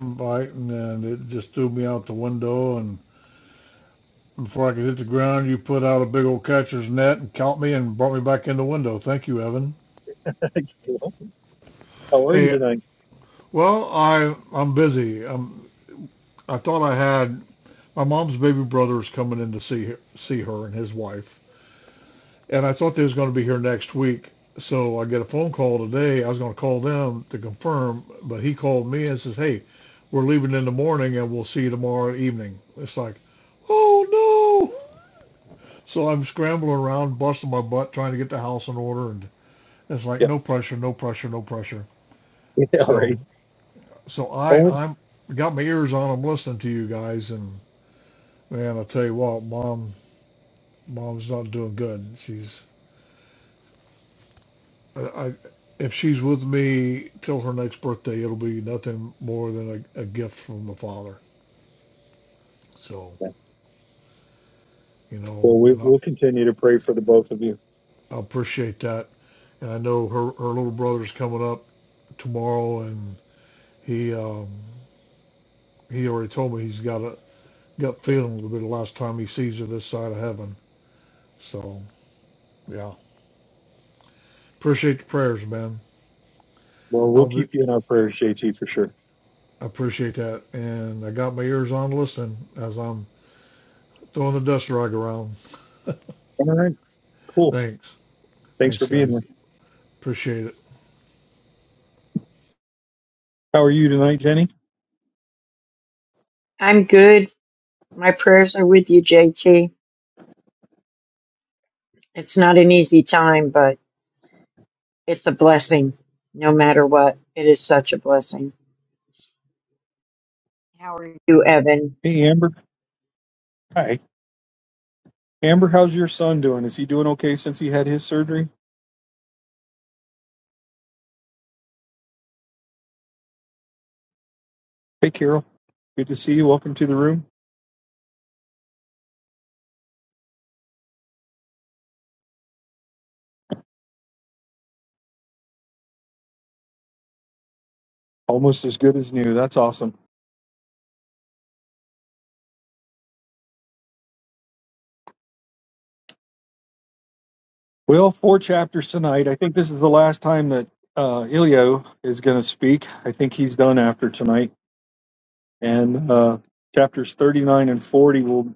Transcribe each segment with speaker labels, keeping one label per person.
Speaker 1: bite, and, and it just threw me out the window. And before I could hit the ground, you put out a big old catcher's net and caught me and brought me back in the window. Thank you, Evan. Hey, well, I I'm busy. Um, I thought I had my mom's baby brother is coming in to see her, see her and his wife, and I thought they was going to be here next week. So I get a phone call today. I was going to call them to confirm, but he called me and says, "Hey, we're leaving in the morning and we'll see you tomorrow evening." It's like, oh no. So I'm scrambling around, busting my butt, trying to get the house in order, and it's like no pressure, no pressure, no pressure. So
Speaker 2: Pray
Speaker 1: so
Speaker 2: only.
Speaker 1: I I'm got my ears on. I'm listening to you guys, and man, I tell you what, mom mom's not doing good. She's I, I if she's with me till her next birthday, it'll be nothing more than a, a gift from the father. So
Speaker 2: yeah.
Speaker 1: you know,
Speaker 2: Well, we,
Speaker 1: and I,
Speaker 2: we'll continue to pray for the both of you.
Speaker 1: I appreciate that. And I know her her little brother's coming up tomorrow, and he um, he already told me he's got a gut feeling will be the last time he sees her this side of heaven. So yeah, appreciate the prayers, man.
Speaker 2: Well, we'll
Speaker 1: I'll be
Speaker 2: keep you in our prayers, JT, for sure.
Speaker 1: I appreciate that, and I got my ears on listening as I'm throwing the dust rug around.
Speaker 2: All right, cool.
Speaker 1: Thanks,
Speaker 2: Thanks for
Speaker 1: thanks
Speaker 2: being
Speaker 1: guys,
Speaker 2: here.
Speaker 1: appreciate it.
Speaker 2: How are you tonight, Jenny?
Speaker 3: I'm good. My prayers are with you, JT. It's not an easy time, but it's a blessing no matter what. It is such a blessing. How are you, Evan?
Speaker 2: Hey, Amber. Hi, Amber. How's your son doing? Is he doing okay since he had his surgery? Hey, Carol. Good to see you. Welcome to the room. Almost as good as new. That's awesome. Well, four chapters tonight. I think this is the last time that uh, Ilio is going to speak. I think he's done after tonight. And uh, chapters 39 and 40 will,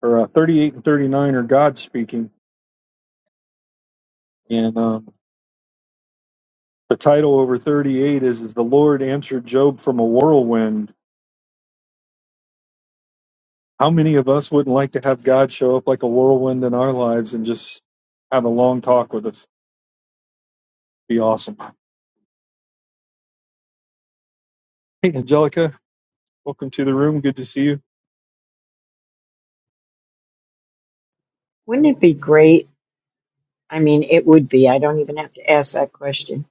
Speaker 2: or uh, 38 and 39 are God speaking. And um, the title over 38 is, is The Lord Answered Job from a Whirlwind. How many of us wouldn't like to have God show up like a whirlwind in our lives and just have a long talk with us? Be awesome. Hey, Angelica, welcome to the room. Good to see you.
Speaker 3: Wouldn't it be great? I mean, it would be. I don't even have to ask that question.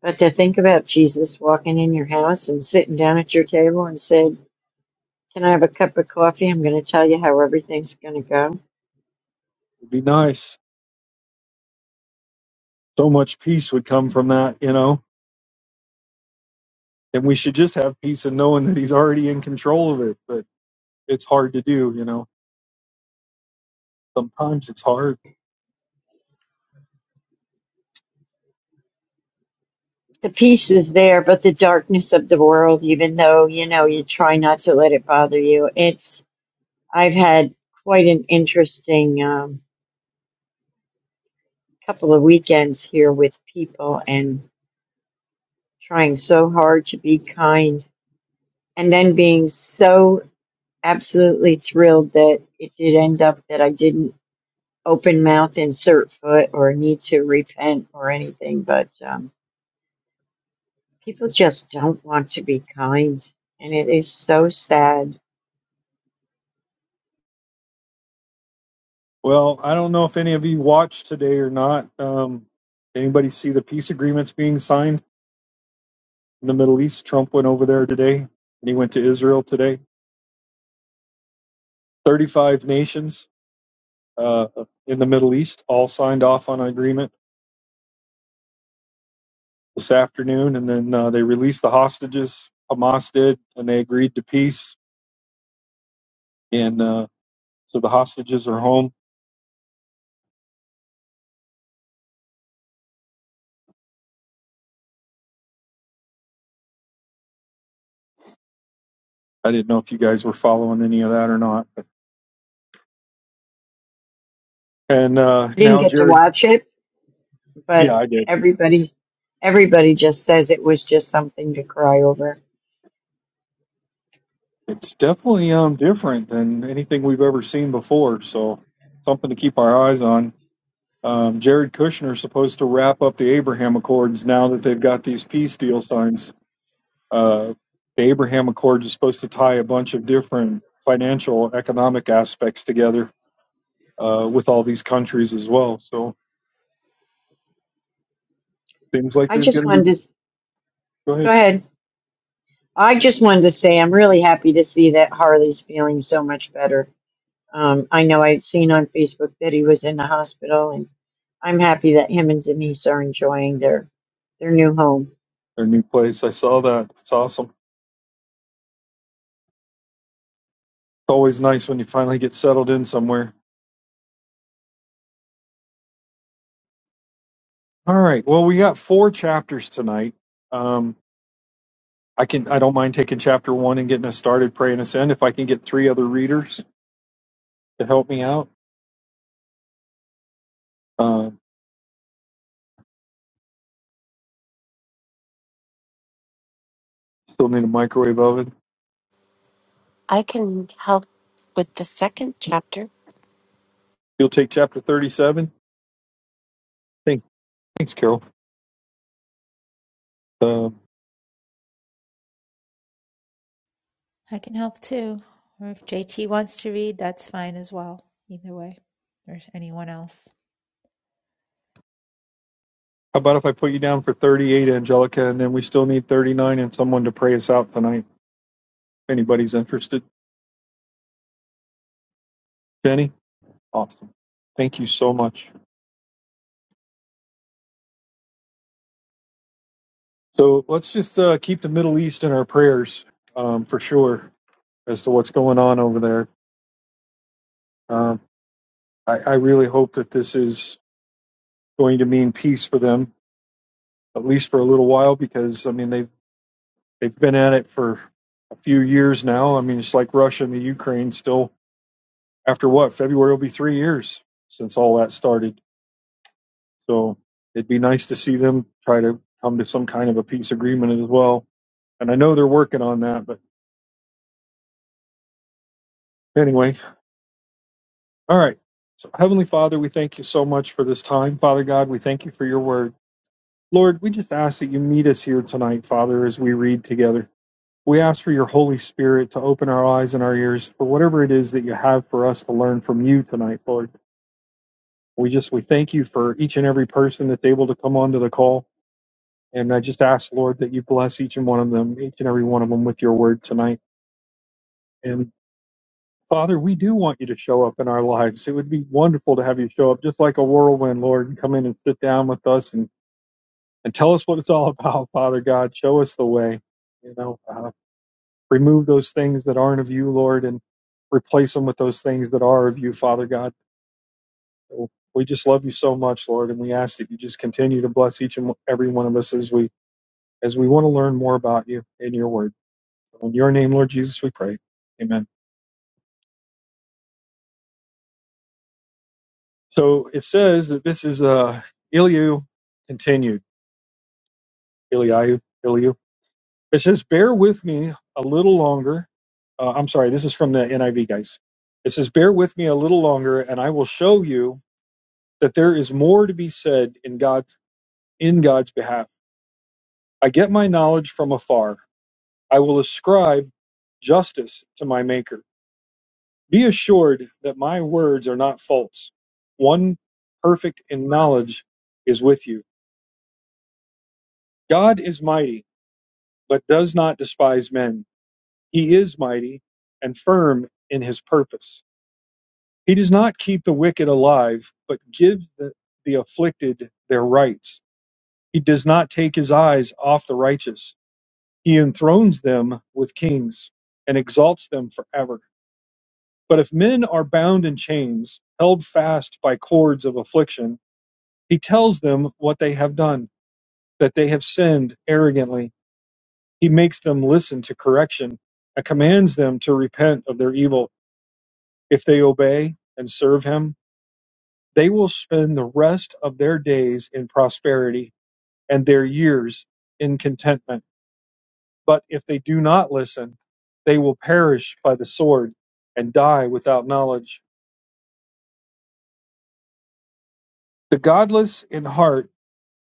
Speaker 3: But to think about Jesus walking in your house and sitting down at your table and said, Can I have a cup of coffee? I'm going to tell you how everything's going to go.
Speaker 2: It'd be nice. so much peace would come from that, you know. And we should just have peace in knowing that he's already in control of it, but it's hard to do, you know. Sometimes it's hard.
Speaker 3: The peace is there, but the darkness of the world, even though, you know, you try not to let it bother you, I've had quite an interesting um, couple of weekends here with people and trying so hard to be kind and then being so absolutely thrilled that it did end up that I didn't open mouth, insert foot, or need to repent or anything. But um, people just don't want to be kind. And it is so sad.
Speaker 2: Well, I don't know if any of you watched today or not. Um, anybody see the peace agreements being signed in the Middle East? Trump went over there today, and he went to Israel today. Thirty-five nations uh, in the Middle East all signed off on an agreement this afternoon, and then uh, they released the hostages. Hamas did, and they agreed to peace. And uh, So the hostages are home. I didn't know if you guys were following any of that or not. And uh,
Speaker 3: I didn't
Speaker 2: now
Speaker 3: get to
Speaker 2: Jared,
Speaker 3: watch it, but
Speaker 2: yeah, I did.
Speaker 3: everybody's everybody just says it was just something to cry over.
Speaker 2: It's definitely um different than anything we've ever seen before. So something to keep our eyes on. Um, Jared Kushner is supposed to wrap up the Abraham Accords now that they've got these peace deal signs. Uh, the Abraham Accords is supposed to tie a bunch of different financial, economic aspects together uh, with all these countries as well. So seems like
Speaker 3: I
Speaker 2: there's
Speaker 3: just
Speaker 2: going to be.
Speaker 3: wanted to s-
Speaker 2: Go
Speaker 3: go
Speaker 2: ahead.
Speaker 3: ahead. I just wanted to say I'm really happy to see that Harley's feeling so much better. Um, I know I'd seen on Facebook that he was in the hospital, and I'm happy that him and Denise are enjoying their their new home.
Speaker 2: their new place. I saw that. It's awesome. It's always nice when you finally get settled in somewhere. All right. Well, we got four chapters tonight. Um, I can. I don't mind taking chapter one and getting us started, praying us in. If I can get three other readers to help me out, uh, still need a microwave oven.
Speaker 4: I can help with the second chapter.
Speaker 2: You'll take chapter thirty-seven. Thank, thanks, Carol. Uh,
Speaker 5: I can help too. Or if JT wants to read, that's fine as well. Either way, or anyone else.
Speaker 2: how about if I put you down for thirty-eight, Angelica, and then we still need thirty-nine and someone to pray us out tonight. If anybody's interested, Jenny. Awesome. Thank you so much. So let's just uh, keep the Middle East in our prayers um, for sure as to what's going on over there. Um, I, I really hope that this is going to mean peace for them, at least for a little while, because I mean they've they've been at it for a few years now. I mean it's like Russia and the Ukraine still after what February will be three years since all that started. So it'd be nice to see them try to come to some kind of a peace agreement as well. And I know they're working on that, but anyway, All right. So, Heavenly Father, we thank you so much for this time. Father God, we thank you for your word. Lord, we just ask that you meet us here tonight, Father, as we read together. We ask for your Holy Spirit to open our eyes and our ears for whatever it is that you have for us to learn from you tonight, Lord. We just we thank you for each and every person that's able to come onto the call. And I just ask, Lord, that you bless each and one of them, each and every one of them with your word tonight. and. Father, we do want you to show up in our lives. It would be wonderful to have you show up just like a whirlwind, Lord, and come in and sit down with us and, and tell us what it's all about, Father God. Show us the way. You know, uh, remove those things that aren't of you, Lord, and replace them with those things that are of you, Father God. So we just love you so much, Lord, and we ask that you just continue to bless each and every one of us as we as we want to learn more about you in your word. So In your name, Lord Jesus, we pray. Amen. So it says that this is uh, Eliu continued. Eliu, Eliu. It says, Bear with me a little longer. Uh, I'm sorry, this is from the NIV, guys. It says, Bear with me a little longer, and I will show you that there is more to be said in God's, in God's behalf. I get my knowledge from afar. I will ascribe justice to my Maker. Be assured that my words are not false. One perfect in knowledge is with you. God is mighty. but does not despise men. He is mighty and firm in his purpose. He does not keep the wicked alive, but gives the, the afflicted their rights. He does not take his eyes off the righteous. He enthrones them with kings and exalts them forever. But if men are bound in chains, held fast by cords of affliction, he tells them what they have done, that they have sinned arrogantly He makes them listen to correction and commands them to repent of their evil. If they obey and serve him, they will spend the rest of their days in prosperity and their years in contentment. But if they do not listen, they will perish by the sword and die without knowledge. The godless in heart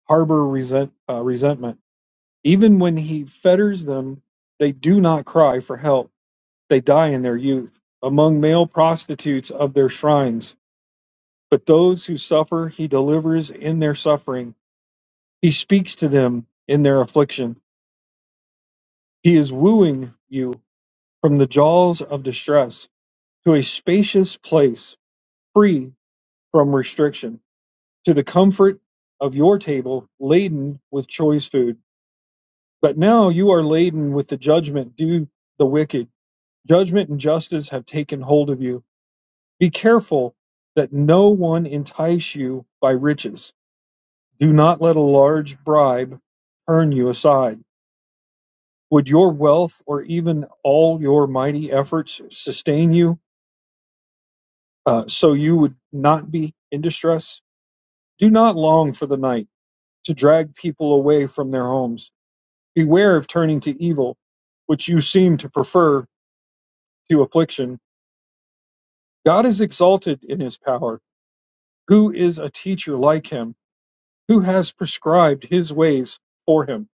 Speaker 2: harbor resent, uh, resentment. Even when he fetters them, they do not cry for help They die in their youth among male prostitutes of their shrines. But those who suffer, he delivers in their suffering. He speaks to them in their affliction. He is wooing you from the jaws of distress to a spacious place free from restriction, to the comfort of your table laden with choice food. But now you are laden with the judgment due the wicked. Judgment and justice have taken hold of you Be careful that no one entice you by riches. Do not let a large bribe turn you aside. Would your wealth or even all your mighty efforts sustain you uh, so you would not be in distress? Do not long for the night to drag people away from their homes. Beware of turning to evil, which you seem to prefer to affliction. God is exalted in his power. Who is a teacher like him? Who has prescribed his ways for him?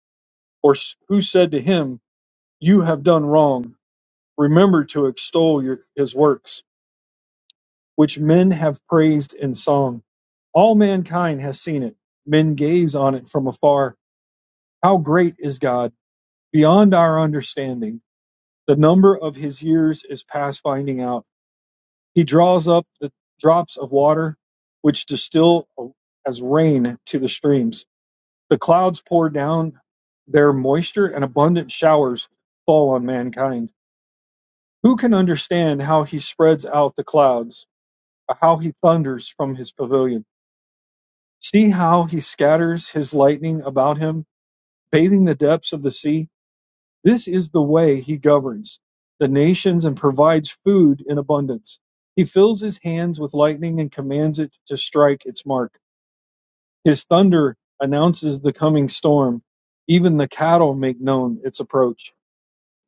Speaker 2: Or who said to him, You have done wrong? Remember to extol your, his works, which men have praised in song. All mankind has seen it. Men gaze on it from afar. How great is God, beyond our understanding. The number of his years is past finding out. He draws up the drops of water, which distill as rain to the streams. The clouds pour down their moisture, and abundant showers fall on mankind. Who can understand how he spreads out the clouds, or how he thunders from his pavilion? See how he scatters his lightning about him, bathing the depths of the sea. This is the way he governs the nations and provides food in abundance. He fills his hands with lightning and commands it to strike its mark. His thunder announces the coming storm. Even the cattle make known its approach.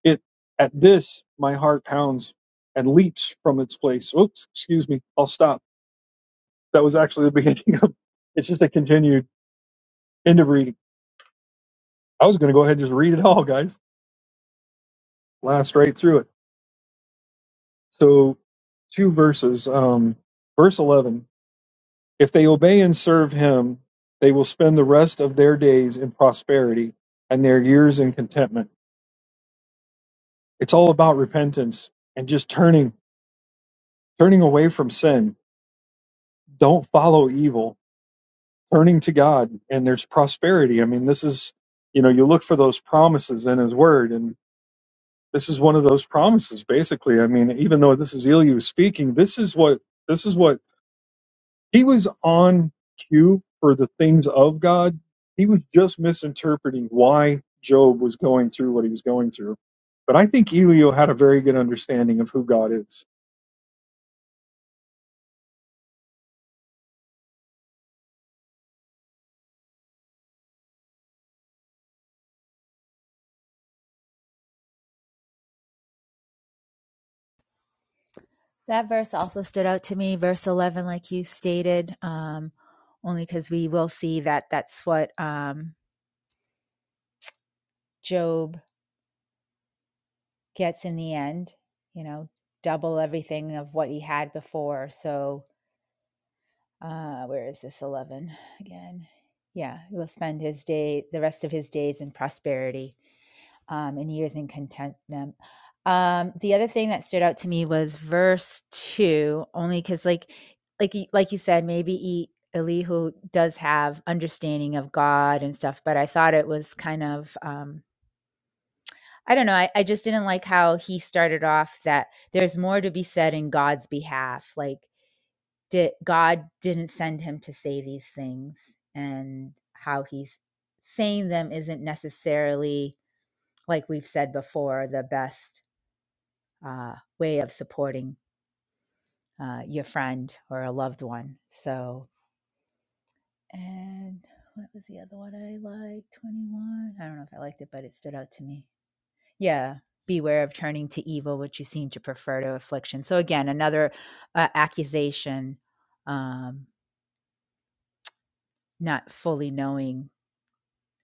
Speaker 2: It at this my heart pounds and leaps from its place. Oops, excuse me. I'll stop. That was actually the beginning of it's just a continued end of reading. I was gonna go ahead and just read it all, guys. Blast right through it. So two verses. Um verse eleven. If they obey and serve him, they will spend the rest of their days in prosperity and their years in contentment. It's all about repentance and just turning, turning away from sin. Don't follow evil, turning to God, and there's prosperity. I mean, this is, you know, you look for those promises in His Word, and this is one of those promises, basically. I mean, even though this is Elihu speaking, this is what, this is what he was on cue for the things of God. He was just misinterpreting why Job was going through what he was going through. But I think Elio had a very good understanding of who God is
Speaker 5: That verse also stood out to me, verse 11, like you stated, um, only because we will see that that's what um, Job gets in the end, you know, double everything of what he had before. So, uh, where is this 11 again? Yeah, he will spend his day, the rest of his days in prosperity. um, and years in contentment. Um, the other thing that stood out to me was verse two, only because like like like you said, maybe e, Elihu does have understanding of God and stuff, but I thought it was kind of um, I don't know. I, I just didn't like how he started off that there's more to be said in God's behalf. Like did God didn't send him to say these things, and how he's saying them isn't necessarily like we've said before the best uh, way of supporting uh, your friend or a loved one. So, and what was the other one I liked? 21. I don't know if I liked it, but it stood out to me. Yeah. Beware of turning to evil, which you seem to prefer to affliction. So, again, another uh, accusation, um, not fully knowing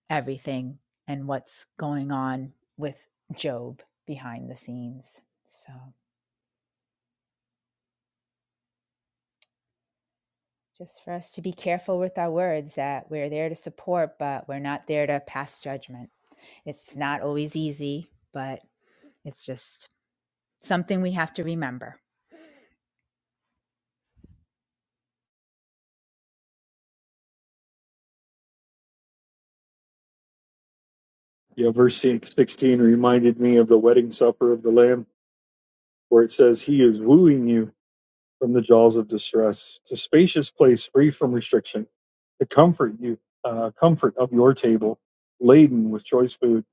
Speaker 5: everything and what's going on with Job behind the scenes. So, Just for us to be careful with our words that we're there to support, but we're not there to pass judgment. It's not always easy, but it's just something we have to remember.
Speaker 2: You know, verse 16 reminded me of the wedding supper of the Lamb, where it says, He is wooing you from the jaws of distress to spacious place free from restriction, to comfort you, uh, comfort of your table, laden with choice food.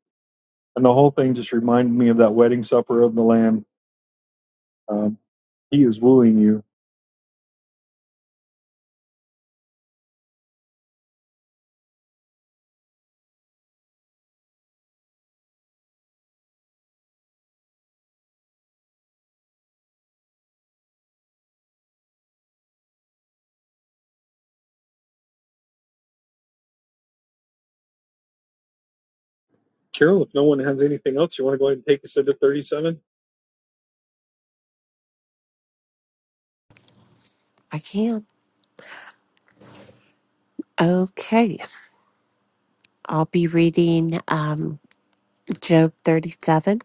Speaker 2: And the whole thing just reminded me of that wedding supper of the Lamb. Um, he is wooing you. Carol, if no one has anything else, you want to go ahead and take us into 37?
Speaker 4: I can. Okay. I'll be reading um, Job 37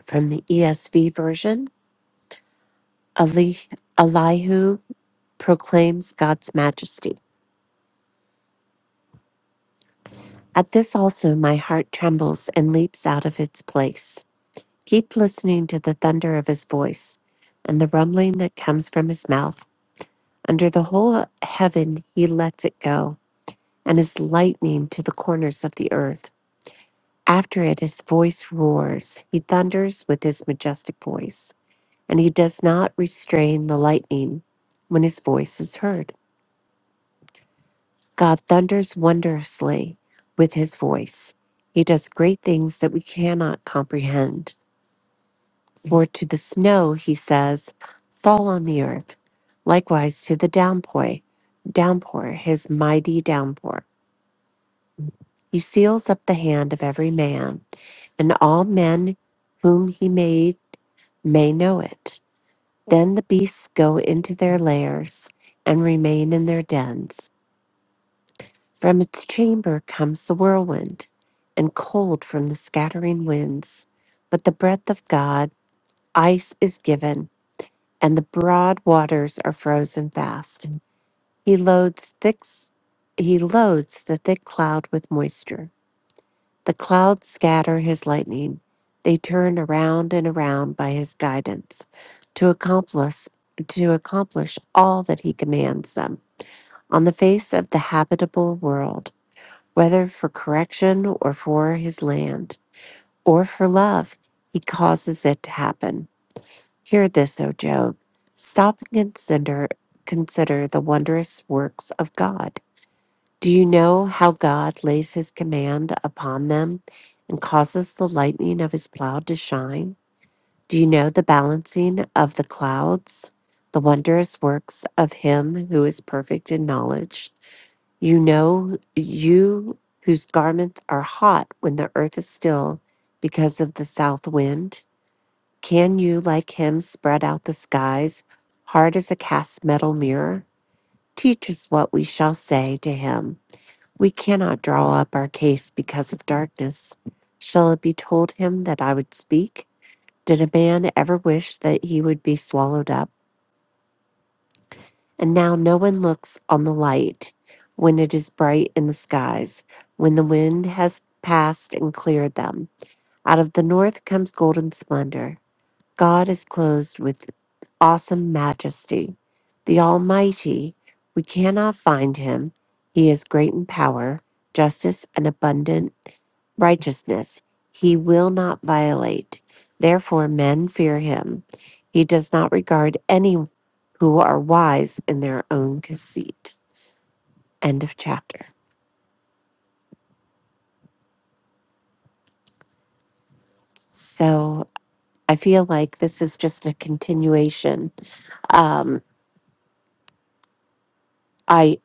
Speaker 4: from the ESV version. Ali- Elihu proclaims God's majesty. At this also, my heart trembles and leaps out of its place. Keep listening to the thunder of his voice and the rumbling that comes from his mouth. Under the whole heaven, he lets it go, and his lightning to the corners of the earth. After it, his voice roars. He thunders with his majestic voice, and he does not restrain the lightning when his voice is heard. God thunders wondrously with his voice. He does great things that we cannot comprehend. For to the snow, he says, fall on the earth. Likewise to the downpour, downpour, his mighty downpour. He seals up the hand of every man, and all men whom he made may know it Then the beasts go into their lairs and remain in their dens. From its chamber comes the whirlwind, and cold from the scattering winds. But the breath of God, ice is given, and the broad waters are frozen fast. He loads thick, he loads the thick cloud with moisture. The clouds scatter his lightning. They turn around and around by his guidance to accomplish to accomplish all that he commands them on the face of the habitable world, whether for correction or for his land, or for love, he causes it to happen. Hear this, O Job. Stop and consider consider the wondrous works of God. Do you know how God lays his command upon them and causes the lightning of his cloud to shine? Do you know the balancing of the clouds, the wondrous works of him who is perfect in knowledge? You know, you whose garments are hot when the earth is still because of the south wind? Can you, like him, spread out the skies, hard as a cast metal mirror? Teach us what we shall say to him. We cannot draw up our case because of darkness. Shall it be told him that I would speak? Did a man ever wish that he would be swallowed up? And now no one looks on the light when it is bright in the skies, when the wind has passed and cleared them. Out of the north comes golden splendor. God is clothed with awesome majesty. The Almighty, we cannot find him. He is great in power, justice, and abundant righteousness. He will not violate. Therefore, men fear him. He does not regard any who are wise in their own conceit. End of chapter. So I feel like this is just a continuation. Um, I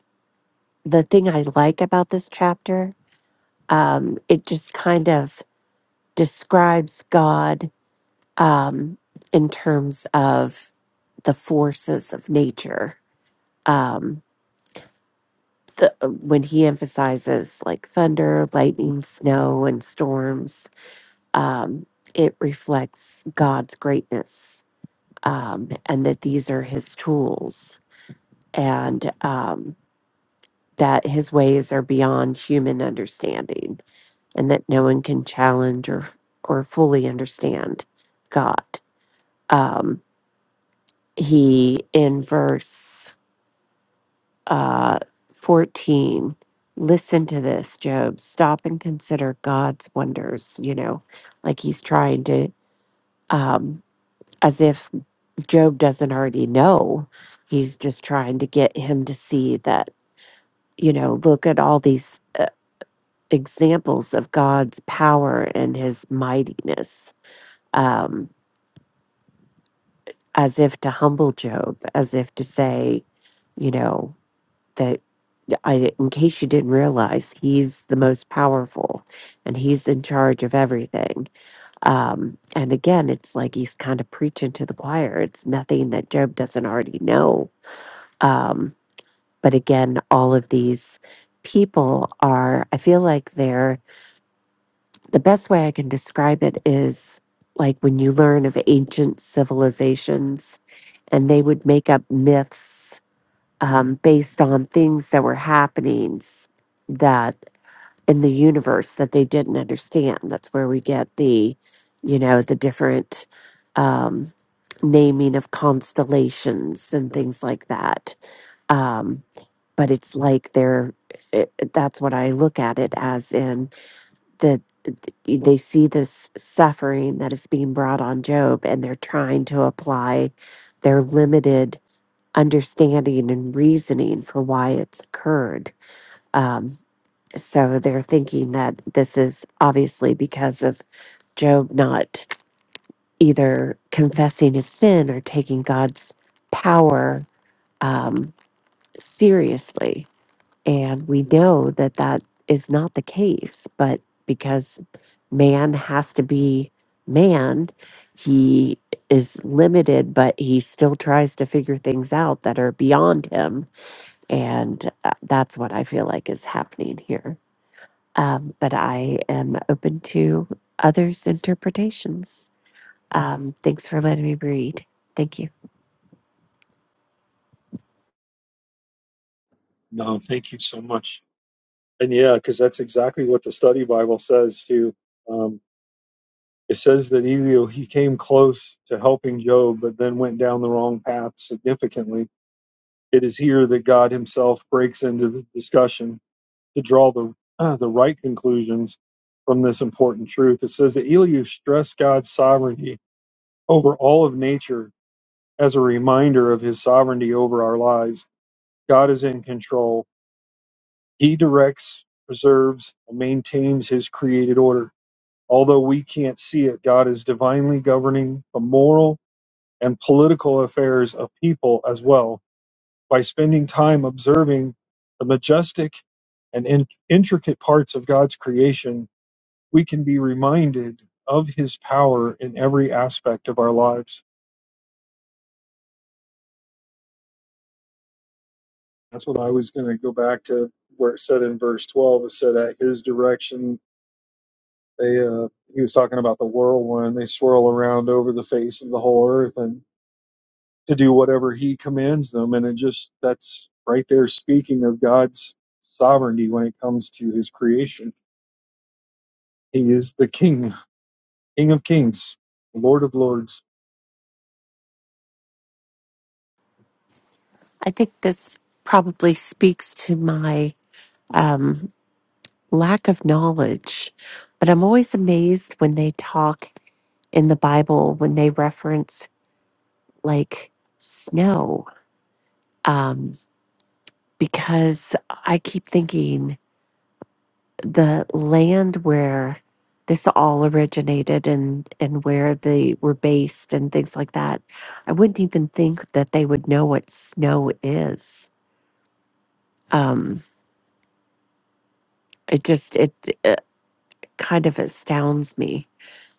Speaker 4: the thing I like about this chapter um, it just kind of describes God um, in terms of the forces of nature. Um, the, when he emphasizes like thunder, lightning, snow, and storms, um, it reflects God's greatness um, and that these are his tools and um, that his ways are beyond human understanding and that no one can challenge or or fully understand God. Um, he in verse uh, fourteen, listen to this, Job. Stop and consider God's wonders. You know, like he's trying to, um, as if Job doesn't already know. He's just trying to get him to see that. You know, look at all these uh, examples of God's power and His mightiness. Um, as if to humble Job, as if to say, you know, that I, in case you didn't realize, he's the most powerful and he's in charge of everything. Um, and again, it's like he's kind of preaching to the choir. It's nothing that Job doesn't already know. Um, but again, all of these people are, I feel like they're the best way I can describe it is like when you learn of ancient civilizations and they would make up myths um, based on things that were happening s- that in the universe that they didn't understand. That's where we get the, you know, the different um, naming of constellations and things like that. Um, but it's like they're, it, that's what I look at it as in that they see this suffering that is being brought on Job and they're trying to apply their limited understanding and reasoning for why it's occurred. Um, so they're thinking that this is obviously because of Job not either confessing his sin or taking God's power um, seriously. And we know that that is not the case, but because man has to be man, he is limited, but he still tries to figure things out that are beyond him And uh, that's what I feel like is happening here. Um, but I am open to others' interpretations. Um, thanks for letting me read. Thank you.
Speaker 2: No, thank you so much. And yeah, because that's exactly what the study Bible says too. Um, It says that Elihu he came close to helping Job, but then went down the wrong path significantly. It is here that God Himself breaks into the discussion to draw the uh, the right conclusions from this important truth. It says that Elihu stressed God's sovereignty over all of nature as a reminder of His sovereignty over our lives. God is in control. He directs, preserves, and maintains His created order. Although we can't see it, God is divinely governing the moral and political affairs of people as well by spending time observing the majestic and in- intricate parts of God's creation, we can be reminded of his power in every aspect of our lives. That's what I was going to go back to where it said in verse 12, it said at his direction, they, uh, he was talking about the whirlwind, they swirl around over the face of the whole earth. and." to do whatever he commands them. And it just, that's right there speaking of God's sovereignty when it comes to his creation. He is the king, king of kings, lord of lords.
Speaker 4: I think this probably speaks to my um, lack of knowledge, but I'm always amazed when they talk in the Bible, when they reference like snow, um, because I keep thinking the land where this all originated and and where they were based and things like that i wouldn't even think that they would know what snow is um it just it, it kind of astounds me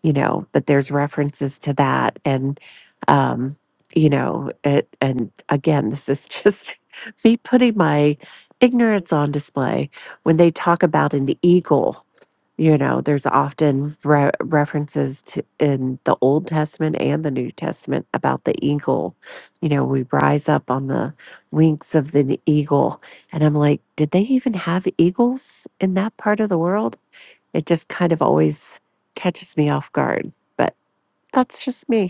Speaker 4: you know, but there's references to that. And, um, you know, it, and again, this is just me putting my ignorance on display when they talk about in the eagle you know there's often re- references to in the old testament and the new testament about the eagle you know we rise up on the wings of the eagle and i'm like did they even have eagles in that part of the world it just kind of always catches me off guard, but that's just me.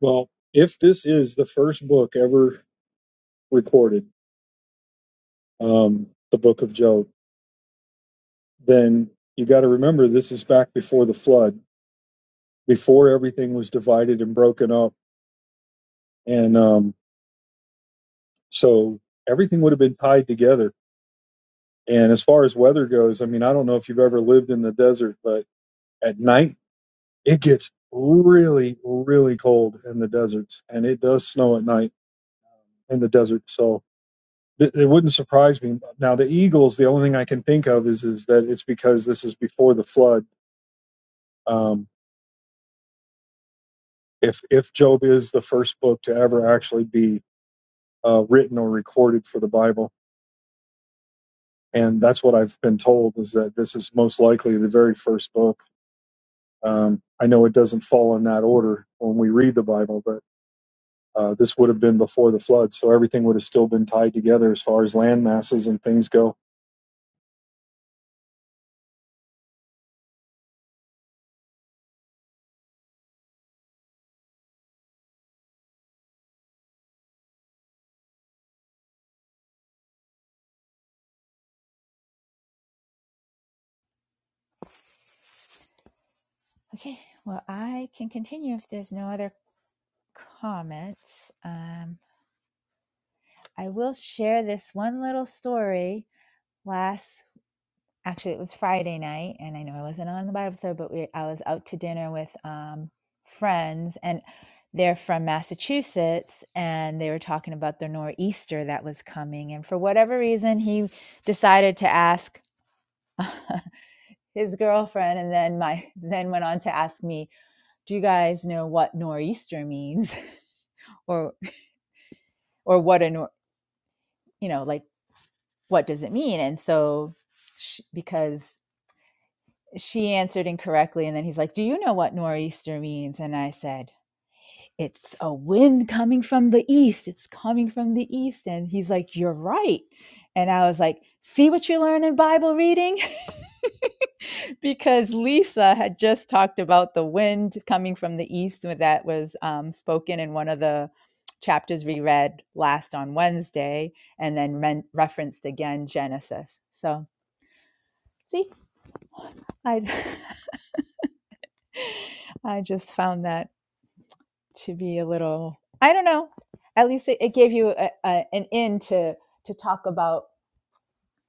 Speaker 2: Well, if this is the first book ever recorded, um, the book of Job, then you got to remember this is back before the flood, before everything was divided and broken up. And um, so everything would have been tied together. And as far as weather goes, I mean, I don't know if you've ever lived in the desert, but At night, it gets really, really cold in the deserts, and it does snow at night in the desert. So it, it wouldn't surprise me. Now, the eagles, the only thing I can think of is is that it's because this is before the flood. Um, if if Job is the first book to ever actually be uh, written or recorded for the Bible, and that's what I've been told is that this is most likely the very first book. Um, I know it doesn't fall in that order when we read the Bible, but. Uh, this would have been before the flood, so everything would have still been tied together as far as land masses and things go.
Speaker 5: Okay, well, I can continue if there's no other comments. Um, I will share this one little story. Last actually it was Friday night, and I know I wasn't on the Bible study, but we, I was out to dinner with um, friends, and they're from Massachusetts, and they were talking about the nor'easter that was coming, and for whatever reason, he decided to ask his girlfriend, and then my then went on to ask me, "Do you guys know what nor'easter means, or or what a nor- you know like what does it mean?" And so, sh- because she answered incorrectly. And then he's like, Do you know what nor'easter means? And I said, It's a wind coming from the east. It's coming from the east. And he's like, You're right. And I was like, See what you learn in Bible reading? because Lisa had just talked about the wind coming from the east with- that was um, spoken in one of the chapters we read last on Wednesday and then men- referenced again Genesis. So, see, I I just found that to be a little i don't know at least it, it gave you a, a, an in to to talk about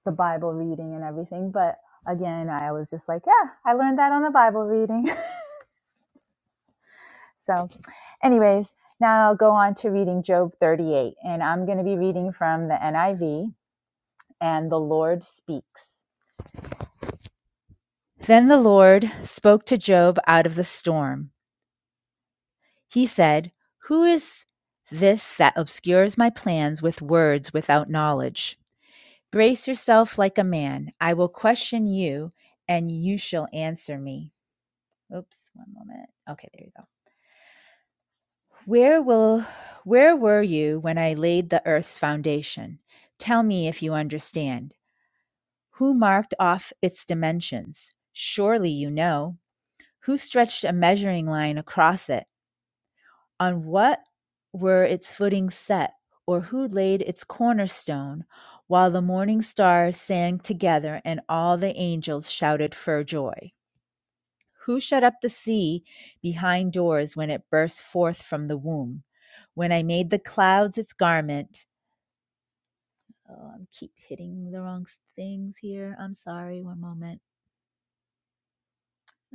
Speaker 5: the bible reading and everything but again i was just like yeah i learned that on the bible reading so anyways now i'll go on to reading job 38 and i'm going to be reading from the niv and the lord speaks then the lord spoke to job out of the storm he said who is this that obscures my plans with words without knowledge Brace yourself like a man. I will question you, and you shall answer me. Oops, one moment. Okay, there you go. Where will where were you when I laid the earth's foundation? Tell me if you understand. Who marked off its dimensions? Surely you know. Who stretched a measuring line across it? On what were its footings set, or who laid its cornerstone? while the morning stars sang together and all the angels shouted for joy? Who shut up the sea behind doors when it burst forth from the womb? When I made the clouds its garment. Oh, I keep hitting the wrong things here. I'm sorry. One moment.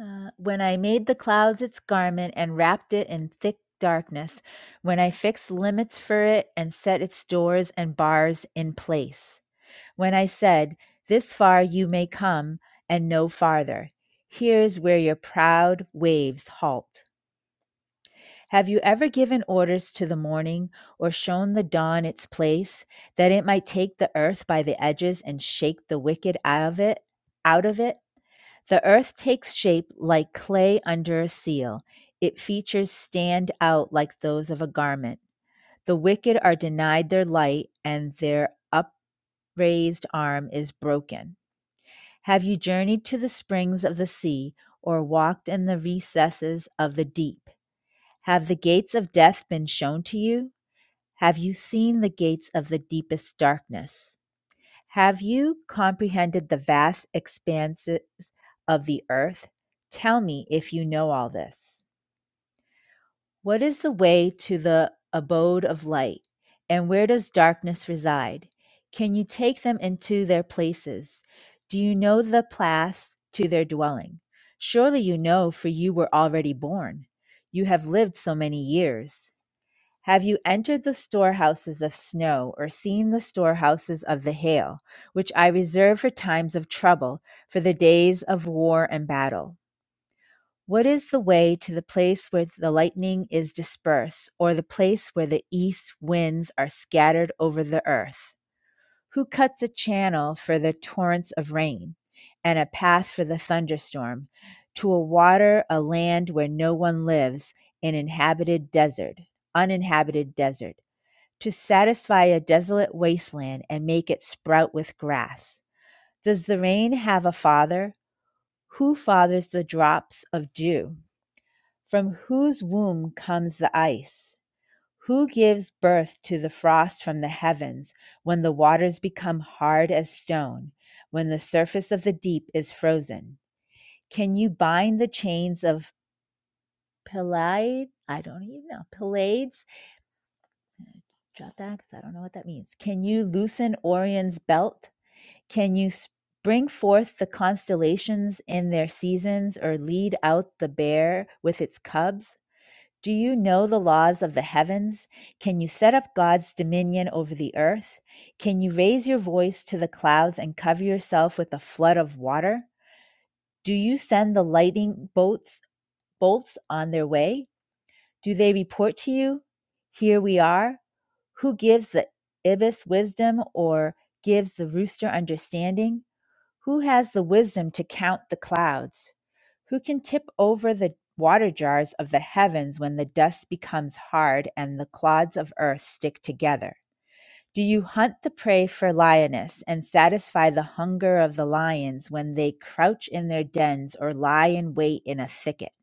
Speaker 5: Uh, when I made the clouds its garment and wrapped it in thick darkness, when I fixed limits for it and set its doors and bars in place, when I said, This far you may come and no farther, here's where your proud waves halt. Have you ever given orders to the morning or shown the dawn its place, that it might take the earth by the edges and shake the wicked out of it? Out of it? The earth takes shape like clay under a seal. It features stand out like those of a garment. The wicked are denied their light, and their upraised arm is broken. Have you journeyed to the springs of the sea, or walked in the recesses of the deep? Have the gates of death been shown to you? Have you seen the gates of the deepest darkness? Have you comprehended the vast expanses of the earth? Tell me if you know all this. What is the way to the abode of light, and where does darkness reside? Can you take them into their places? Do you know the paths to their dwelling? Surely you know, for you were already born. You have lived so many years. Have you entered the storehouses of snow, or seen the storehouses of the hail, which I reserve for times of trouble, for the days of war and battle? What is the way to the place where the lightning is dispersed, or the place where the east winds are scattered over the earth? Who cuts a channel for the torrents of rain, and a path for the thunderstorm, to a water, a land where no one lives, an inhabited desert, uninhabited desert? to satisfy a desolate wasteland and make it sprout with grass? Does the rain have a father? Who fathers the drops of dew? From whose womb comes the ice? Who gives birth to the frost from the heavens when the waters become hard as stone, when the surface of the deep is frozen? Can you bind the chains of Peleid? I don't even know. Pleiades? Jot that because I don't know what that means. Can you loosen Orion's belt? Can you bring forth the constellations in their seasons or lead out the bear with its cubs? Do you know the laws of the heavens? Can you set up God's dominion over the earth? Can you raise your voice to the clouds and cover yourself with a flood of water? Do you send the lightning bolts bolts on their way? Do they report to you? Here we are. Who gives the ibis wisdom or gives the rooster understanding? Who has the wisdom to count the clouds? Who can tip over the water jars of the heavens when the dust becomes hard and the clods of earth stick together? Do you hunt the prey for lioness and satisfy the hunger of the lions when they crouch in their dens or lie in wait in a thicket?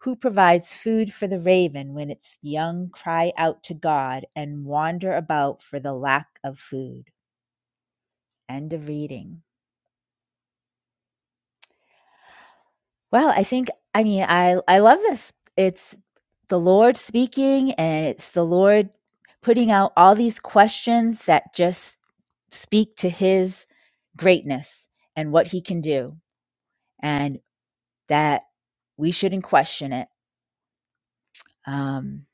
Speaker 5: Who provides food for the raven when its young cry out to God and wander about for the lack of food? End of reading. Well, I think I mean I I love this. It's the Lord speaking and it's the Lord putting out all these questions that just speak to his greatness and what he can do and that we shouldn't question it. Um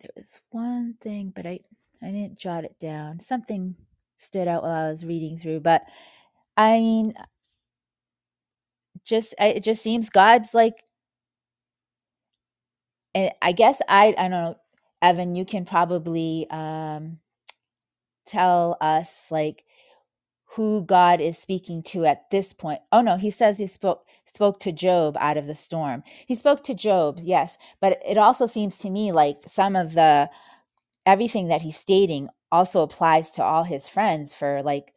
Speaker 5: there was one thing but I I didn't jot it down. Something stood out while I was reading through, but I mean just I- it just seems God's like and I guess I I don't know, Evan, you can probably um tell us like who God is speaking to at this point. Oh no, he says he spoke spoke to Job out of the storm. He spoke to Job, yes, but it also seems to me like some of the everything that he's stating also applies to all his friends for like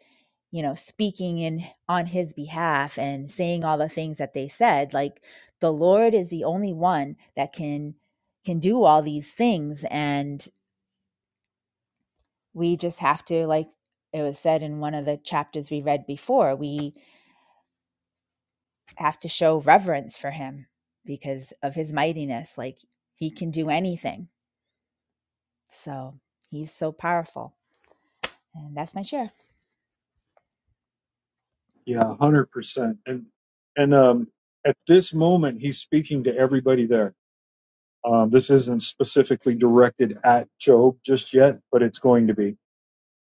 Speaker 5: you know speaking in on his behalf and saying all the things that they said like the lord is the only one that can can do all these things and we just have to like it was said in one of the chapters we read before we have to show reverence for him because of his mightiness like he can do anything so he's so powerful and that's my share
Speaker 2: Yeah, one hundred percent. And and um, at this moment, he's speaking to everybody there. Um, this isn't specifically directed at Job just yet, but it's going to be.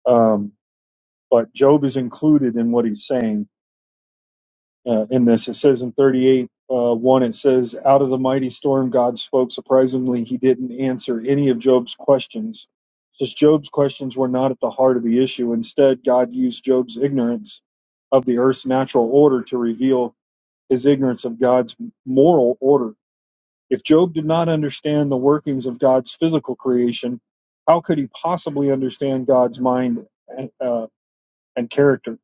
Speaker 2: Um, but Job is included in what he's saying uh, in this. It says in 38 uh, 1, it says, Out of the mighty storm, God spoke. Surprisingly, he didn't answer any of Job's questions. Since Job's questions were not at the heart of the issue, instead, God used Job's ignorance of the earth's natural order to reveal his ignorance of God's moral order. If Job did not understand the workings of God's physical creation, how could he possibly understand God's mind and, uh, and character?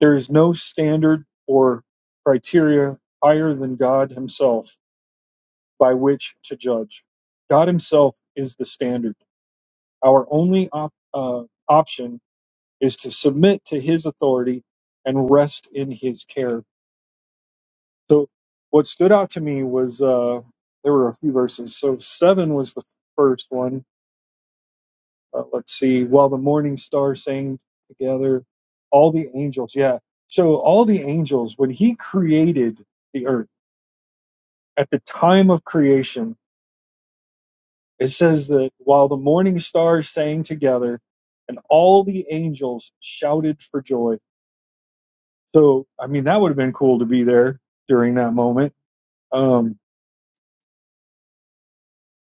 Speaker 2: There is no standard or criteria higher than God Himself by which to judge. God Himself is the standard. Our only op- uh, option is to submit to His authority and rest in His care. So, what stood out to me was uh, there were a few verses. So, seven was the first one. Uh, let's see. While the morning star sang together, all the angels. Yeah. So, all the angels, when He created the earth, at the time of creation, it says that while the morning stars sang together and all the angels shouted for joy. So, I mean, that would have been cool to be there during that moment. Um,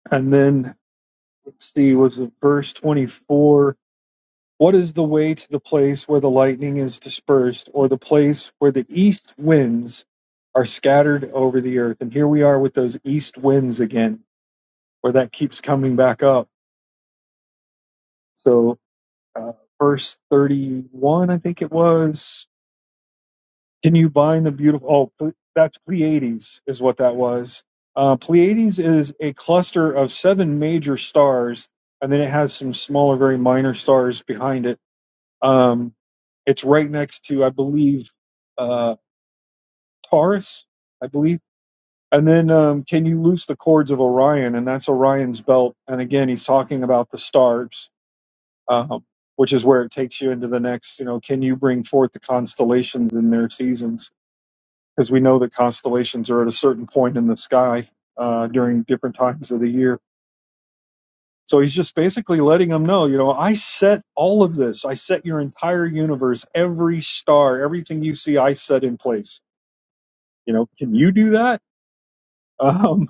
Speaker 2: and then, let's see, was it verse 24? What is the way to the place where the lightning is dispersed, or the place where the east winds are scattered over the earth? And here we are with those east winds again, where that keeps coming back up. So. uh, verse 31, I think it was. Can you bind the beautiful? Oh, that's Pleiades, is what that was. Uh, Pleiades is a cluster of seven major stars, and then it has some smaller, very minor stars behind it. Um, it's right next to, I believe, uh, Taurus, I believe. And then, um, can you loose the cords of Orion? And that's Orion's belt. And again, he's talking about the stars um, which is where it takes you into the next. You know, can you bring forth the constellations in their seasons? Because we know that constellations are at a certain point in the sky uh, during different times of the year. So he's just basically letting them know, you know, I set all of this. I set your entire universe, every star, everything you see, I set in place. You know, can you do that? Um,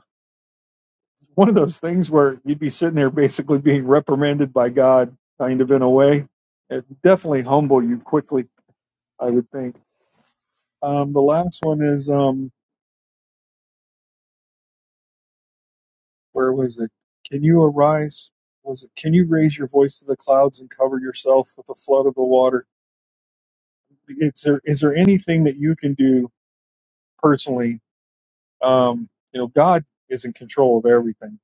Speaker 2: one of those things where you'd be sitting there basically being reprimanded by God, kind of in a way. It definitely humble you quickly, I would think. Um, the last one is um, where was it? Can you arise? Was it? Can you raise your voice to the clouds and cover yourself with the flood of the water? Is there is there anything that you can do personally? Um, you know, God is in control of everything,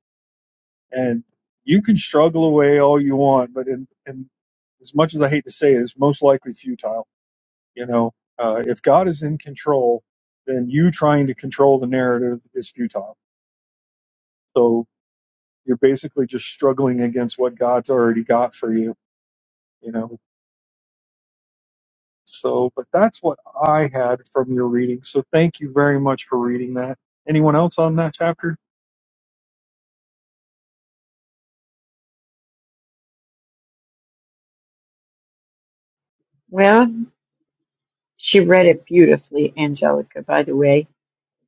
Speaker 2: and you can struggle away all you want, but in, in as much as I hate to say it, it's most likely futile. You know, uh, if God is in control, then you trying to control the narrative is futile. So. you're basically just struggling against what God's already got for you, you know. So, but that's what I had from your reading. So, thank you very much for reading that. Anyone else on that chapter?
Speaker 3: Well, she read it beautifully, Angelica, by the way.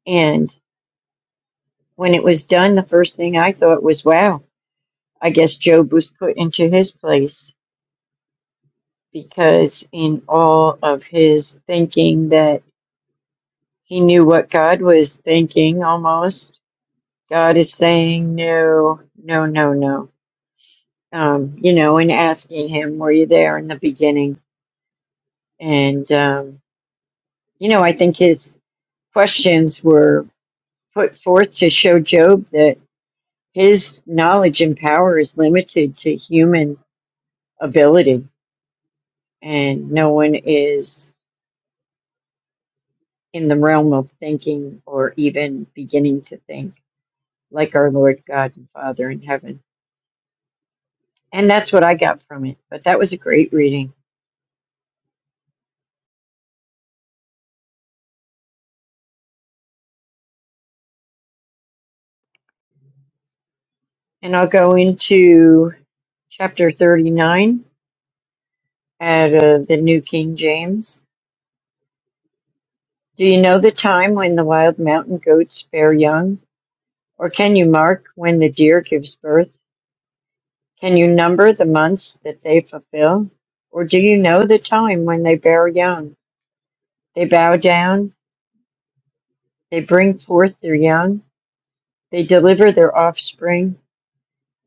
Speaker 3: And when it was done, the first thing I thought was, "Wow, I guess Job was put into his place." Because in all of his thinking that He knew what God was thinking almost. God is saying, no, no, no, no. Um, you know, and asking him, were you there in the beginning? And, um, you know, I think his questions were put forth to show Job that his knowledge and power is limited to human ability, and no one is in the realm of thinking or even beginning to think like our Lord God and Father in heaven. And that's what I got from it. But that was a great reading. And I'll go into chapter 39 out of the New King James. Do you know the time when the wild mountain goats bear young? Or can you mark when the deer gives birth? Can you number the months that they fulfill? Or do you know the time when they bear young? They bow down, they bring forth their young, they deliver their offspring.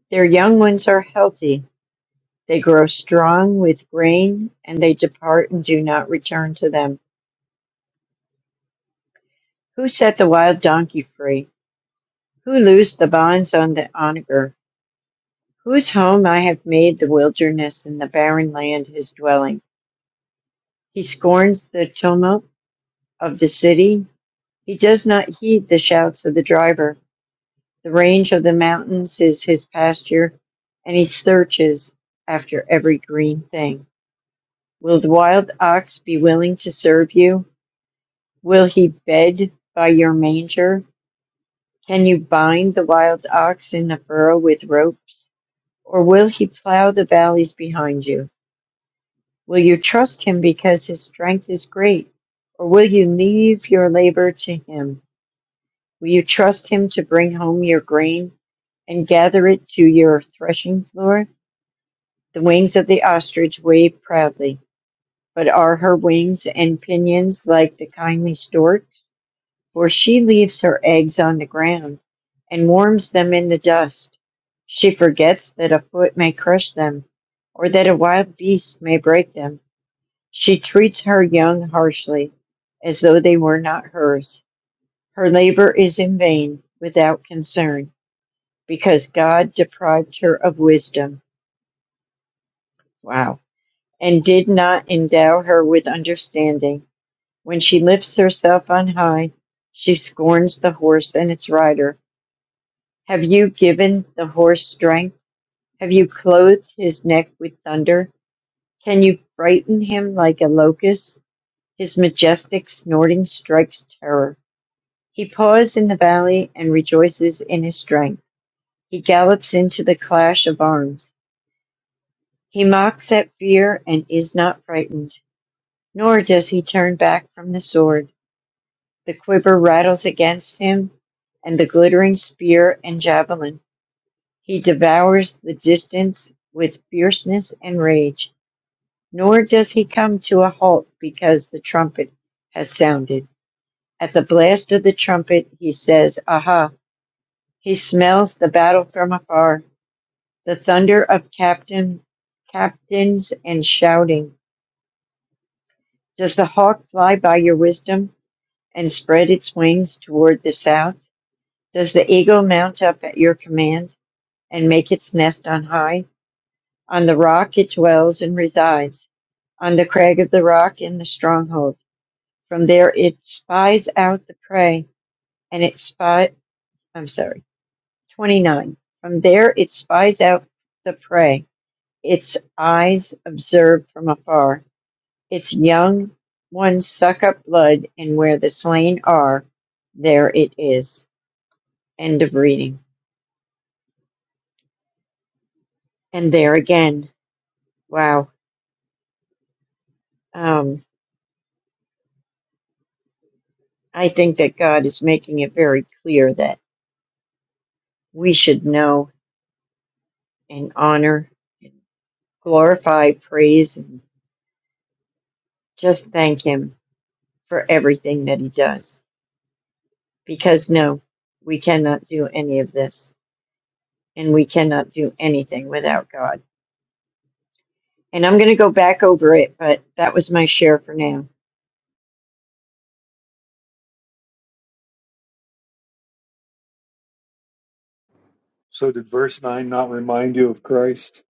Speaker 3: Their young ones are healthy, They grow strong with grain, and they depart and do not return to them. Who set the wild donkey free? Who loosed the bonds on the onager? Whose home I have made the wilderness and the barren land his dwelling. He scorns the tumult of the city. He does not heed the shouts of the driver. The range of the mountains is his pasture, and he searches after every green thing. Will the wild ox be willing to serve you? Will he bed by your manger? Can you bind the wild ox in the furrow with ropes? Or will he plow the valleys behind you? Will you trust him because his strength is great? Or will you leave your labor to him? Will you trust him to bring home your grain and gather it to your threshing floor? The wings of the ostrich wave proudly, but are her wings and pinions like the kindly storks? for she leaves her eggs on the ground and warms them in the dust. She forgets that a foot may crush them, or that a wild beast may break them. She treats her young harshly, as though they were not hers. Her labor is in vain, without concern, because God deprived her of wisdom. Wow. And did not endow her with understanding. When she lifts herself on high, she scorns the horse and its rider Have you given the horse strength? Have you clothed his neck with thunder? Can you frighten him like a locust? His majestic snorting strikes terror. He paws in the valley and rejoices in his strength. He gallops into the clash of arms. He mocks at fear and is not frightened, nor does he turn back from the sword. The quiver rattles against him, and the glittering spear and javelin. He devours the distance with fierceness and rage, nor does he come to a halt because the trumpet has sounded. At the blast of the trumpet, he says, Aha! He smells the battle from afar, the thunder of captain, captains and shouting. Does the hawk fly by your wisdom and spread its wings toward the south? Does the eagle mount up at your command and make its nest on high? On the rock it dwells and resides on the crag of the rock in the stronghold. From there it spies out the prey, and it spy. I'm sorry, 29. From there it spies out the prey. Its eyes observe from afar. Its young ones suck up blood, and where the slain are, there it is. End of reading. And there again, wow. Um, I think that God is making it very clear that we should know and honor. glorify, praise, and just thank Him for everything that He does. Because no, we cannot do any of this, and we cannot do anything without God. And I'm going to go back over it, but that was my share for now.
Speaker 2: So, did verse nine not remind you of Christ?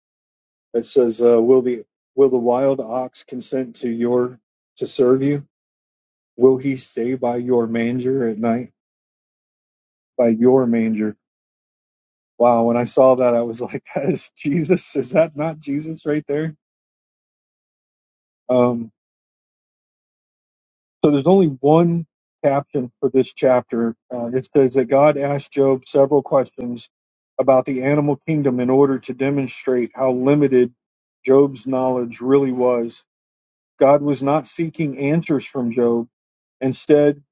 Speaker 2: It says, uh, "Will the will the wild ox consent to your to serve you? Will he stay by your manger at night? By your manger." Wow, when I saw that, I was like, "That is Jesus. Is that not Jesus right there?" Um, So there's only one caption for this chapter. Uh, it says that God asked Job several questions about the animal kingdom in order to demonstrate how limited Job's knowledge really was. God was not seeking answers from Job. Instead,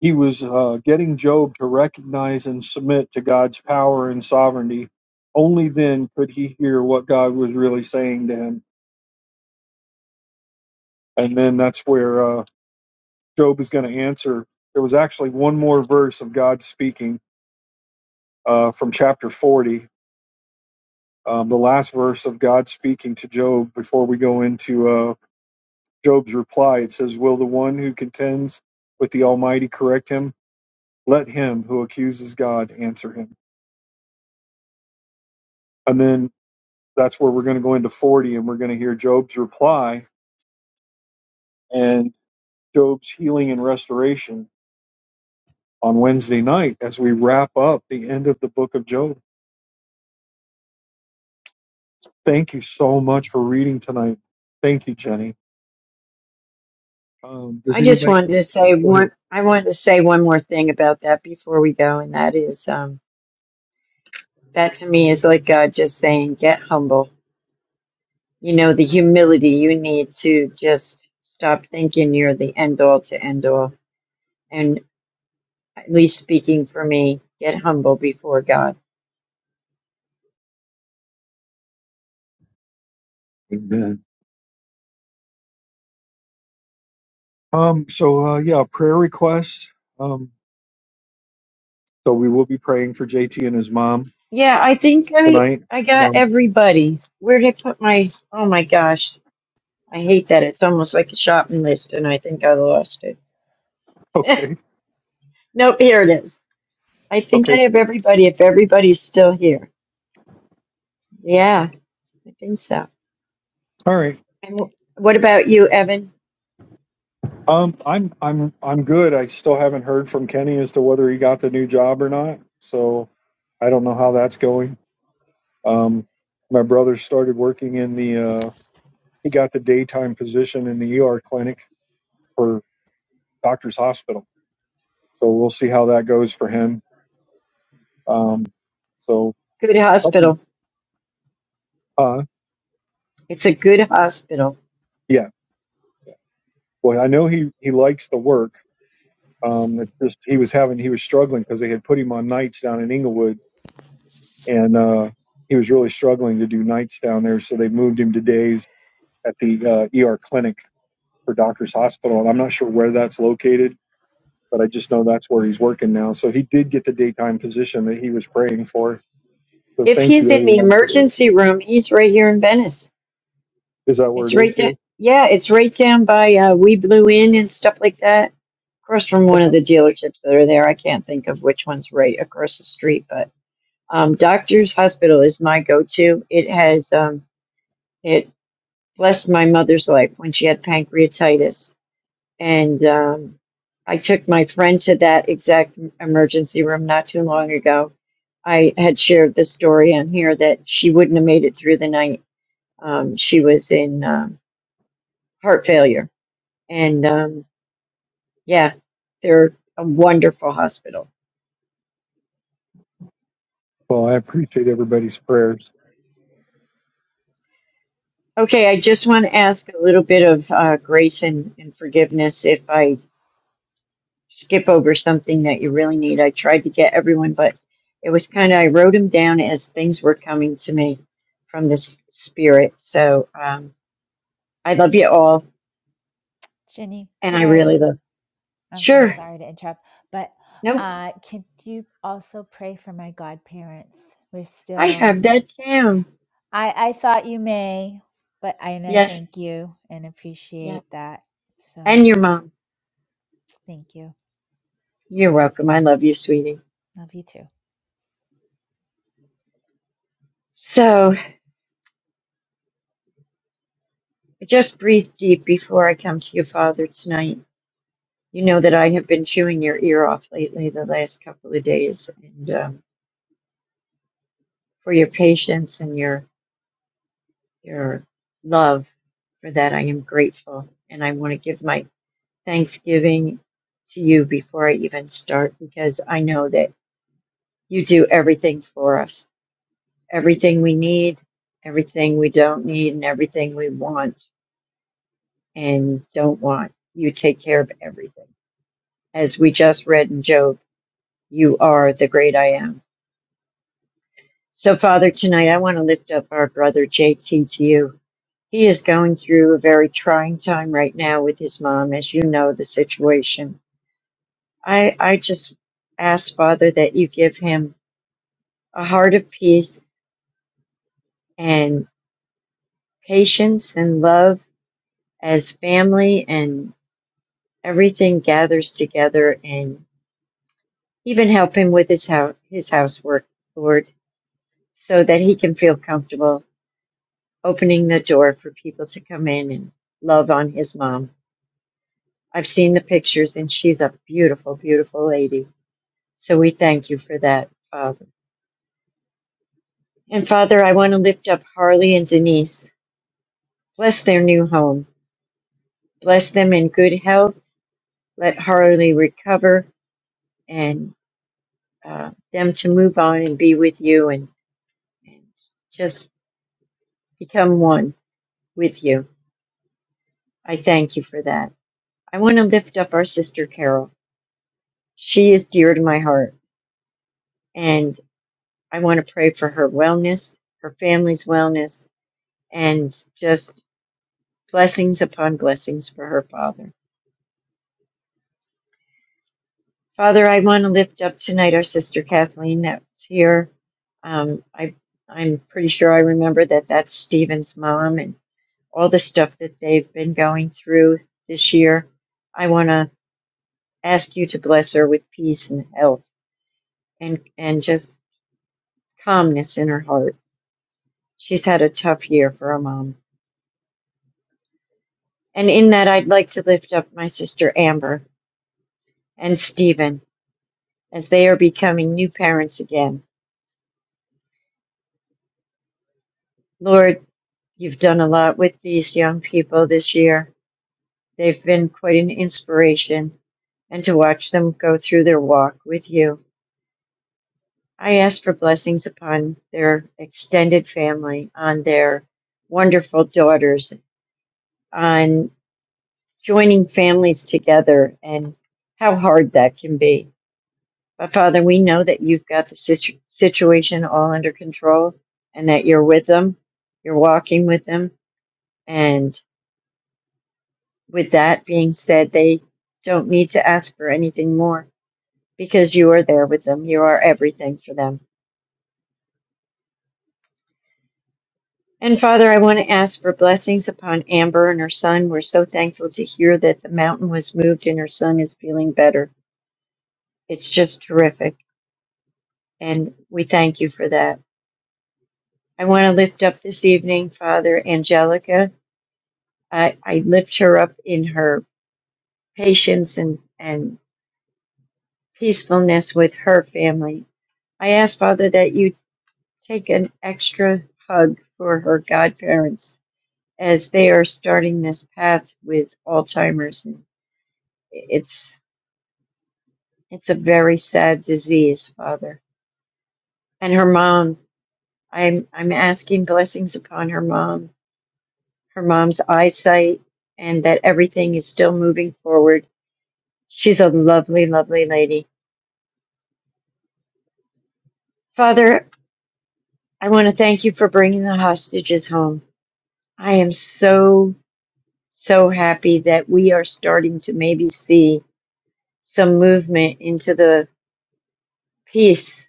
Speaker 2: he was uh, getting Job to recognize and submit to God's power and sovereignty. Only then could he hear what God was really saying to him. And then that's where uh, Job is going to answer, there was actually one more verse of God speaking uh, from chapter 40, um, the last verse of God speaking to Job before we go into uh, Job's reply. It says, Will the one who contends with the Almighty correct him? Let him who accuses God answer him. And then that's where we're going to go into 40 and we're going to hear Job's reply and Job's healing and restoration on Wednesday night as we wrap up the end of the book of Job. Thank you so much for reading tonight. Thank you, Jenny. Um, does
Speaker 3: I just
Speaker 2: anybody
Speaker 3: wanted to say
Speaker 2: go ahead?
Speaker 3: one. I wanted to say one more thing about that before we go, and that is um, that to me is like God just saying, "Get humble." You know, the humility you need to just stop thinking you're the end all to end all and at least speaking for me, get humble before God.
Speaker 2: Amen. Um, so uh, yeah, prayer requests. Um, so we will be praying for JT and his mom
Speaker 3: Yeah, I think I
Speaker 2: tonight.
Speaker 3: I got
Speaker 2: Um,
Speaker 3: everybody. Where did I put my? Oh my gosh, I hate that. It's almost like a shopping list, and I think I lost it.
Speaker 2: okay.
Speaker 3: nope, here it is. I think I
Speaker 2: Okay.
Speaker 3: have everybody. If everybody's still here, yeah, I think so.
Speaker 2: All right.
Speaker 3: And wh- what about you, Evan?
Speaker 2: Um, I'm I'm I'm good. I still haven't heard from Kenny as to whether he got the new job or not. So I don't know how that's going. Um, my brother started working in the uh, he got the daytime position in the ER clinic for doctor's hospital So we'll see how that goes for him. Um, so
Speaker 3: Good
Speaker 2: okay,
Speaker 3: hospital.
Speaker 2: uh,
Speaker 3: It's a good hospital.
Speaker 2: yeah. Well, I know he he likes the work. Um, it just he was having he was struggling because they had put him on nights down in Inglewood, and uh, he was really struggling to do nights down there. So they moved him to days at the uh, ER clinic for Doctors Hospital, and I'm not sure where that's located, but I just know that's where he's working now. So he did get the daytime position that he was praying for. So
Speaker 3: If
Speaker 2: thank you
Speaker 3: he's in the
Speaker 2: everyone for the.
Speaker 3: emergency room, he's right here in Venice.
Speaker 2: Is that where
Speaker 3: It's
Speaker 2: it
Speaker 3: right
Speaker 2: is
Speaker 3: down.
Speaker 2: here?
Speaker 3: Yeah, it's right down by uh, We Blew In and stuff like that. Across from
Speaker 2: Okay.
Speaker 3: one of the dealerships that are there. I can't think of which one's right across the street, but um, Doctor's Hospital is my go-to. It has um, it blessed my mother's life when she had pancreatitis, and um, I took my friend to that exact emergency room not too long ago. I had shared the story on here that she wouldn't have made it through the night. Um, she was in um, heart failure And um, yeah, they're a wonderful hospital.
Speaker 2: Well, I appreciate everybody's prayers.
Speaker 3: Okay, I just want to ask a little bit of uh, grace and, and forgiveness if I skip over something that you really need. I tried to get everyone, but it was kind of, I wrote them down as things were coming to me from this spirit. So um, I love you all,
Speaker 5: jenny
Speaker 3: and
Speaker 5: could
Speaker 3: I
Speaker 5: i
Speaker 3: really love.
Speaker 5: I'm, I'm
Speaker 3: Sure.
Speaker 5: sorry to interrupt, but
Speaker 3: Nope.
Speaker 5: uh, could you also pray for my godparents? We're
Speaker 3: I have
Speaker 5: still,
Speaker 3: that down.
Speaker 5: I, I thought you may, but I, and I
Speaker 3: Yes.
Speaker 5: thank you and
Speaker 3: Yeah.
Speaker 5: appreciate that. So
Speaker 3: And your mom.
Speaker 5: thank you.
Speaker 3: You're welcome. I love you, sweetie.
Speaker 5: Love you too.
Speaker 3: So. Just breathe deep before I come to you, Father, tonight. You know that I have been chewing your ear off lately, the last couple of days, and um, for your patience and your your love. For that, I am grateful, and I want to give my thanksgiving to you before I even start, because I know that you do everything for us, everything we need, everything we don't need, and everything we want and don't want. You take care of everything, as we just read in Job. You are the great I am. So, Father, tonight I want to lift up our brother JT to you. He is going through a very trying time right now with his mom, as you know the situation. I, I just ask, Father, that you give him a heart of peace and patience and love as family and everything gathers together and even help him with his, hou- his housework, Lord, so that he can feel comfortable opening the door for people to come in and love on his mom. I've seen the pictures, and she's a beautiful, beautiful lady. So we thank you for that, Father. And Father, I want to lift up Harley and Denise. Bless their new home. Bless them in good health. Let Harley recover and uh, them to move on and be with you and, and just become one with you. I thank you for that. I want to lift up our sister Carol. She is dear to my heart. And I want to pray for her wellness, her family's wellness, and just blessings upon blessings for her father. Father, I want to lift up tonight our sister Kathleen that's here. Um, I, I'm pretty sure I remember that that's Stephen's mom and all the stuff that they've been going through this year. I want to ask you to bless her with peace and health and, and just calmness in her heart. She's had a tough year for a mom. And in that, I'd like to lift up my sister Amber and Stephen as they are becoming new parents again. Lord, you've done a lot with these young people this year. They've been quite an inspiration, and to watch them go through their walk with you. I ask for blessings upon their extended family, on their wonderful daughters, on joining families together and how hard that can be. But Father, we know that you've got the situ- situation all under control and that you're with them, you're walking with them. And with that being said, they don't need to ask for anything more because you are there with them. You are everything for them. And Father, I want to ask for blessings upon Amber and her son. We're so thankful to hear that the mountain was moved and her son is feeling better. It's just terrific. And we thank you for that. I want to lift up this evening, Father, Angelica I, I lift her up in her patience and, and peacefulness with her family. I ask, Father, that you take an extra hug for her godparents as they are starting this path with Alzheimer's. And It's it's a very sad disease, Father. And her mom, I'm I'm asking blessings upon her mom, her mom's eyesight, and that everything is still moving forward. She's a lovely, lovely lady. Father, I want to thank you for bringing the hostages home. I am so, so happy that we are starting to maybe see some movement into the peace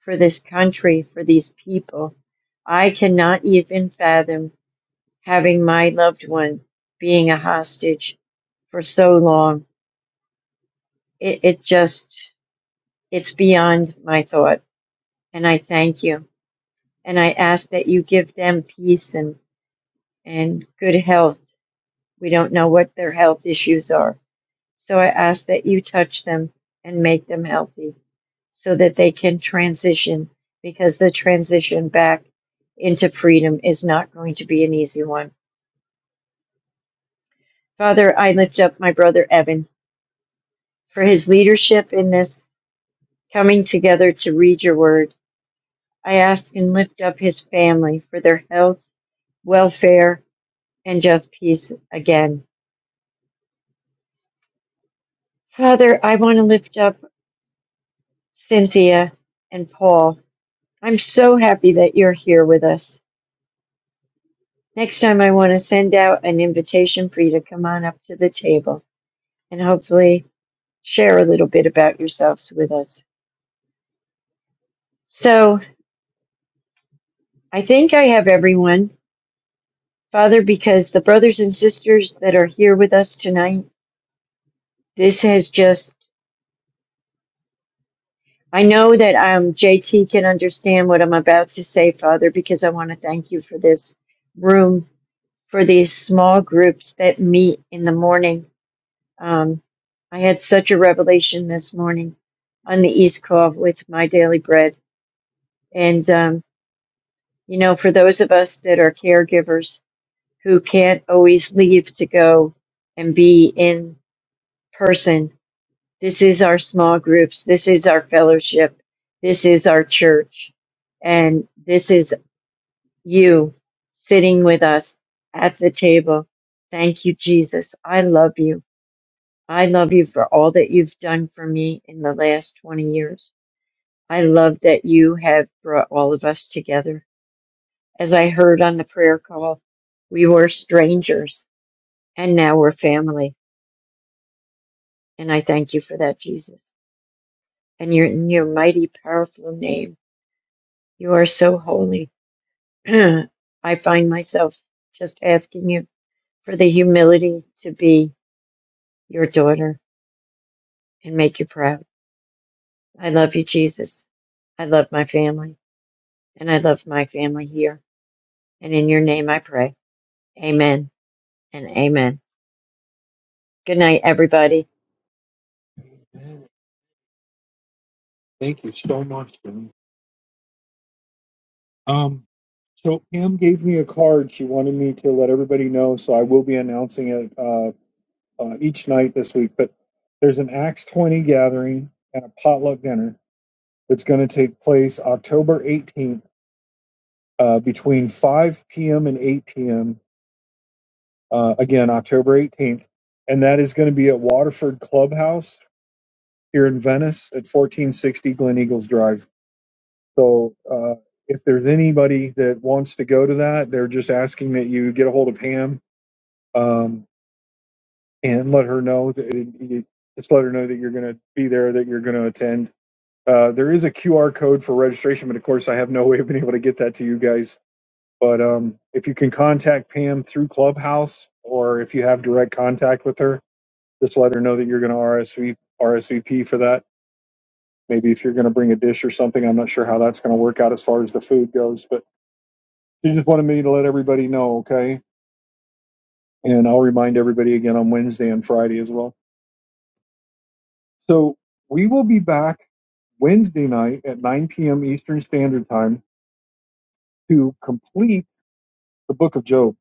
Speaker 3: for this country, for these people. I cannot even fathom having my loved one being a hostage for so long. It, it just, it's beyond my thought. And I thank you. And I ask that you give them peace and, and good health We don't know what their health issues are. So I ask that you touch them and make them healthy so that they can transition because the transition back into freedom is not going to be an easy one. Father, I lift up my brother Evan for his leadership in this coming together to read your word. I ask and lift up his family for their health, welfare, and just peace again. Father, I want to lift up Cynthia and Paul I'm so happy that you're here with us. Next time, I want to send out an invitation for you to come on up to the table and hopefully share a little bit about yourselves with us. So, I think I have everyone, Father, because the brothers and sisters that are here with us tonight, this has just, I know that um, JT can understand what I'm about to say, Father, because I want to thank you for this room, for these small groups that meet in the morning Um, I had such a revelation this morning on the East Call with my daily bread. And, um, you know, for those of us that are caregivers who can't always leave to go and be in person, this is our small groups, this is our fellowship, this is our church, and this is you sitting with us at the table. Thank you, Jesus. I love you. I love you for all that you've done for me in the last 20 years. I love that you have brought all of us together. As I heard on the prayer call, we were strangers and now we're family. And I thank you for that, Jesus. And your, in your mighty, powerful name, you are so holy. I find myself just asking you for the humility to be your daughter and make you proud. I love you, Jesus. I love my family and I love my family here. And in your name I pray. Amen and amen. Good night, everybody.
Speaker 2: Thank you so much. Jimmy. Um, so Pam gave me a card. She wanted me to let everybody know, so I will be announcing it uh, uh, each night this week. But there's an Acts 20 gathering and a potluck dinner that's going to take place October 18th uh, between 5 p.m. and 8 p.m. Uh, again, October 18th, and that is going to be at Waterford Clubhouse here in Venice at 1460 Glen Eagles Drive. So uh, if there's anybody that wants to go to that, they're just asking that you get a hold of Pam um, and let her know that you, just let her know that you're going to be there, that you're going to attend. Uh, there is a QR code for registration, but of course, I have no way of being able to get that to you guys. But um, if you can contact Pam through Clubhouse, or if you have direct contact with her, just let her know that you're going to RSV, RSVP for that. Maybe if you're going to bring a dish or something, I'm not sure how that's going to work out as far as the food goes, but She just wanted me to let everybody know, okay? And I'll remind everybody again on Wednesday and Friday as well. So we will be back Wednesday night at 9 p.m. Eastern Standard Time to complete the Book of Job.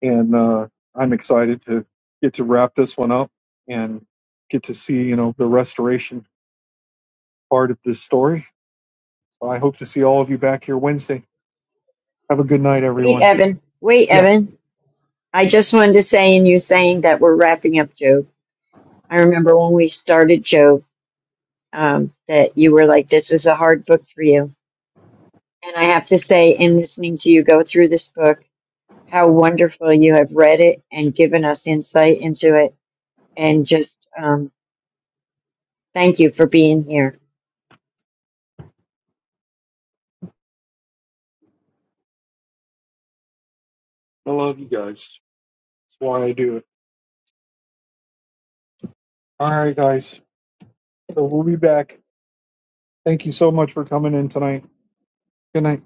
Speaker 2: And uh, I'm excited to get to wrap this one up and get to see, you know, the restoration part of this story. So I hope to see all of you back here Wednesday. Have a good night,
Speaker 3: Wait,
Speaker 2: everyone.
Speaker 3: Evan. Wait,
Speaker 2: Yeah,
Speaker 3: Evan. I just wanted to say, in you saying that we're wrapping up Job. I remember when we started Job, um, that you were like, this is a hard book for you. And I have to say, in listening to you go through this book, how wonderful you have read it and given us insight into it. And just um, thank you for being here.
Speaker 2: I love you guys. That's why I do it. All right, guys. So we'll be back. Thank you so much for coming in tonight. Good night.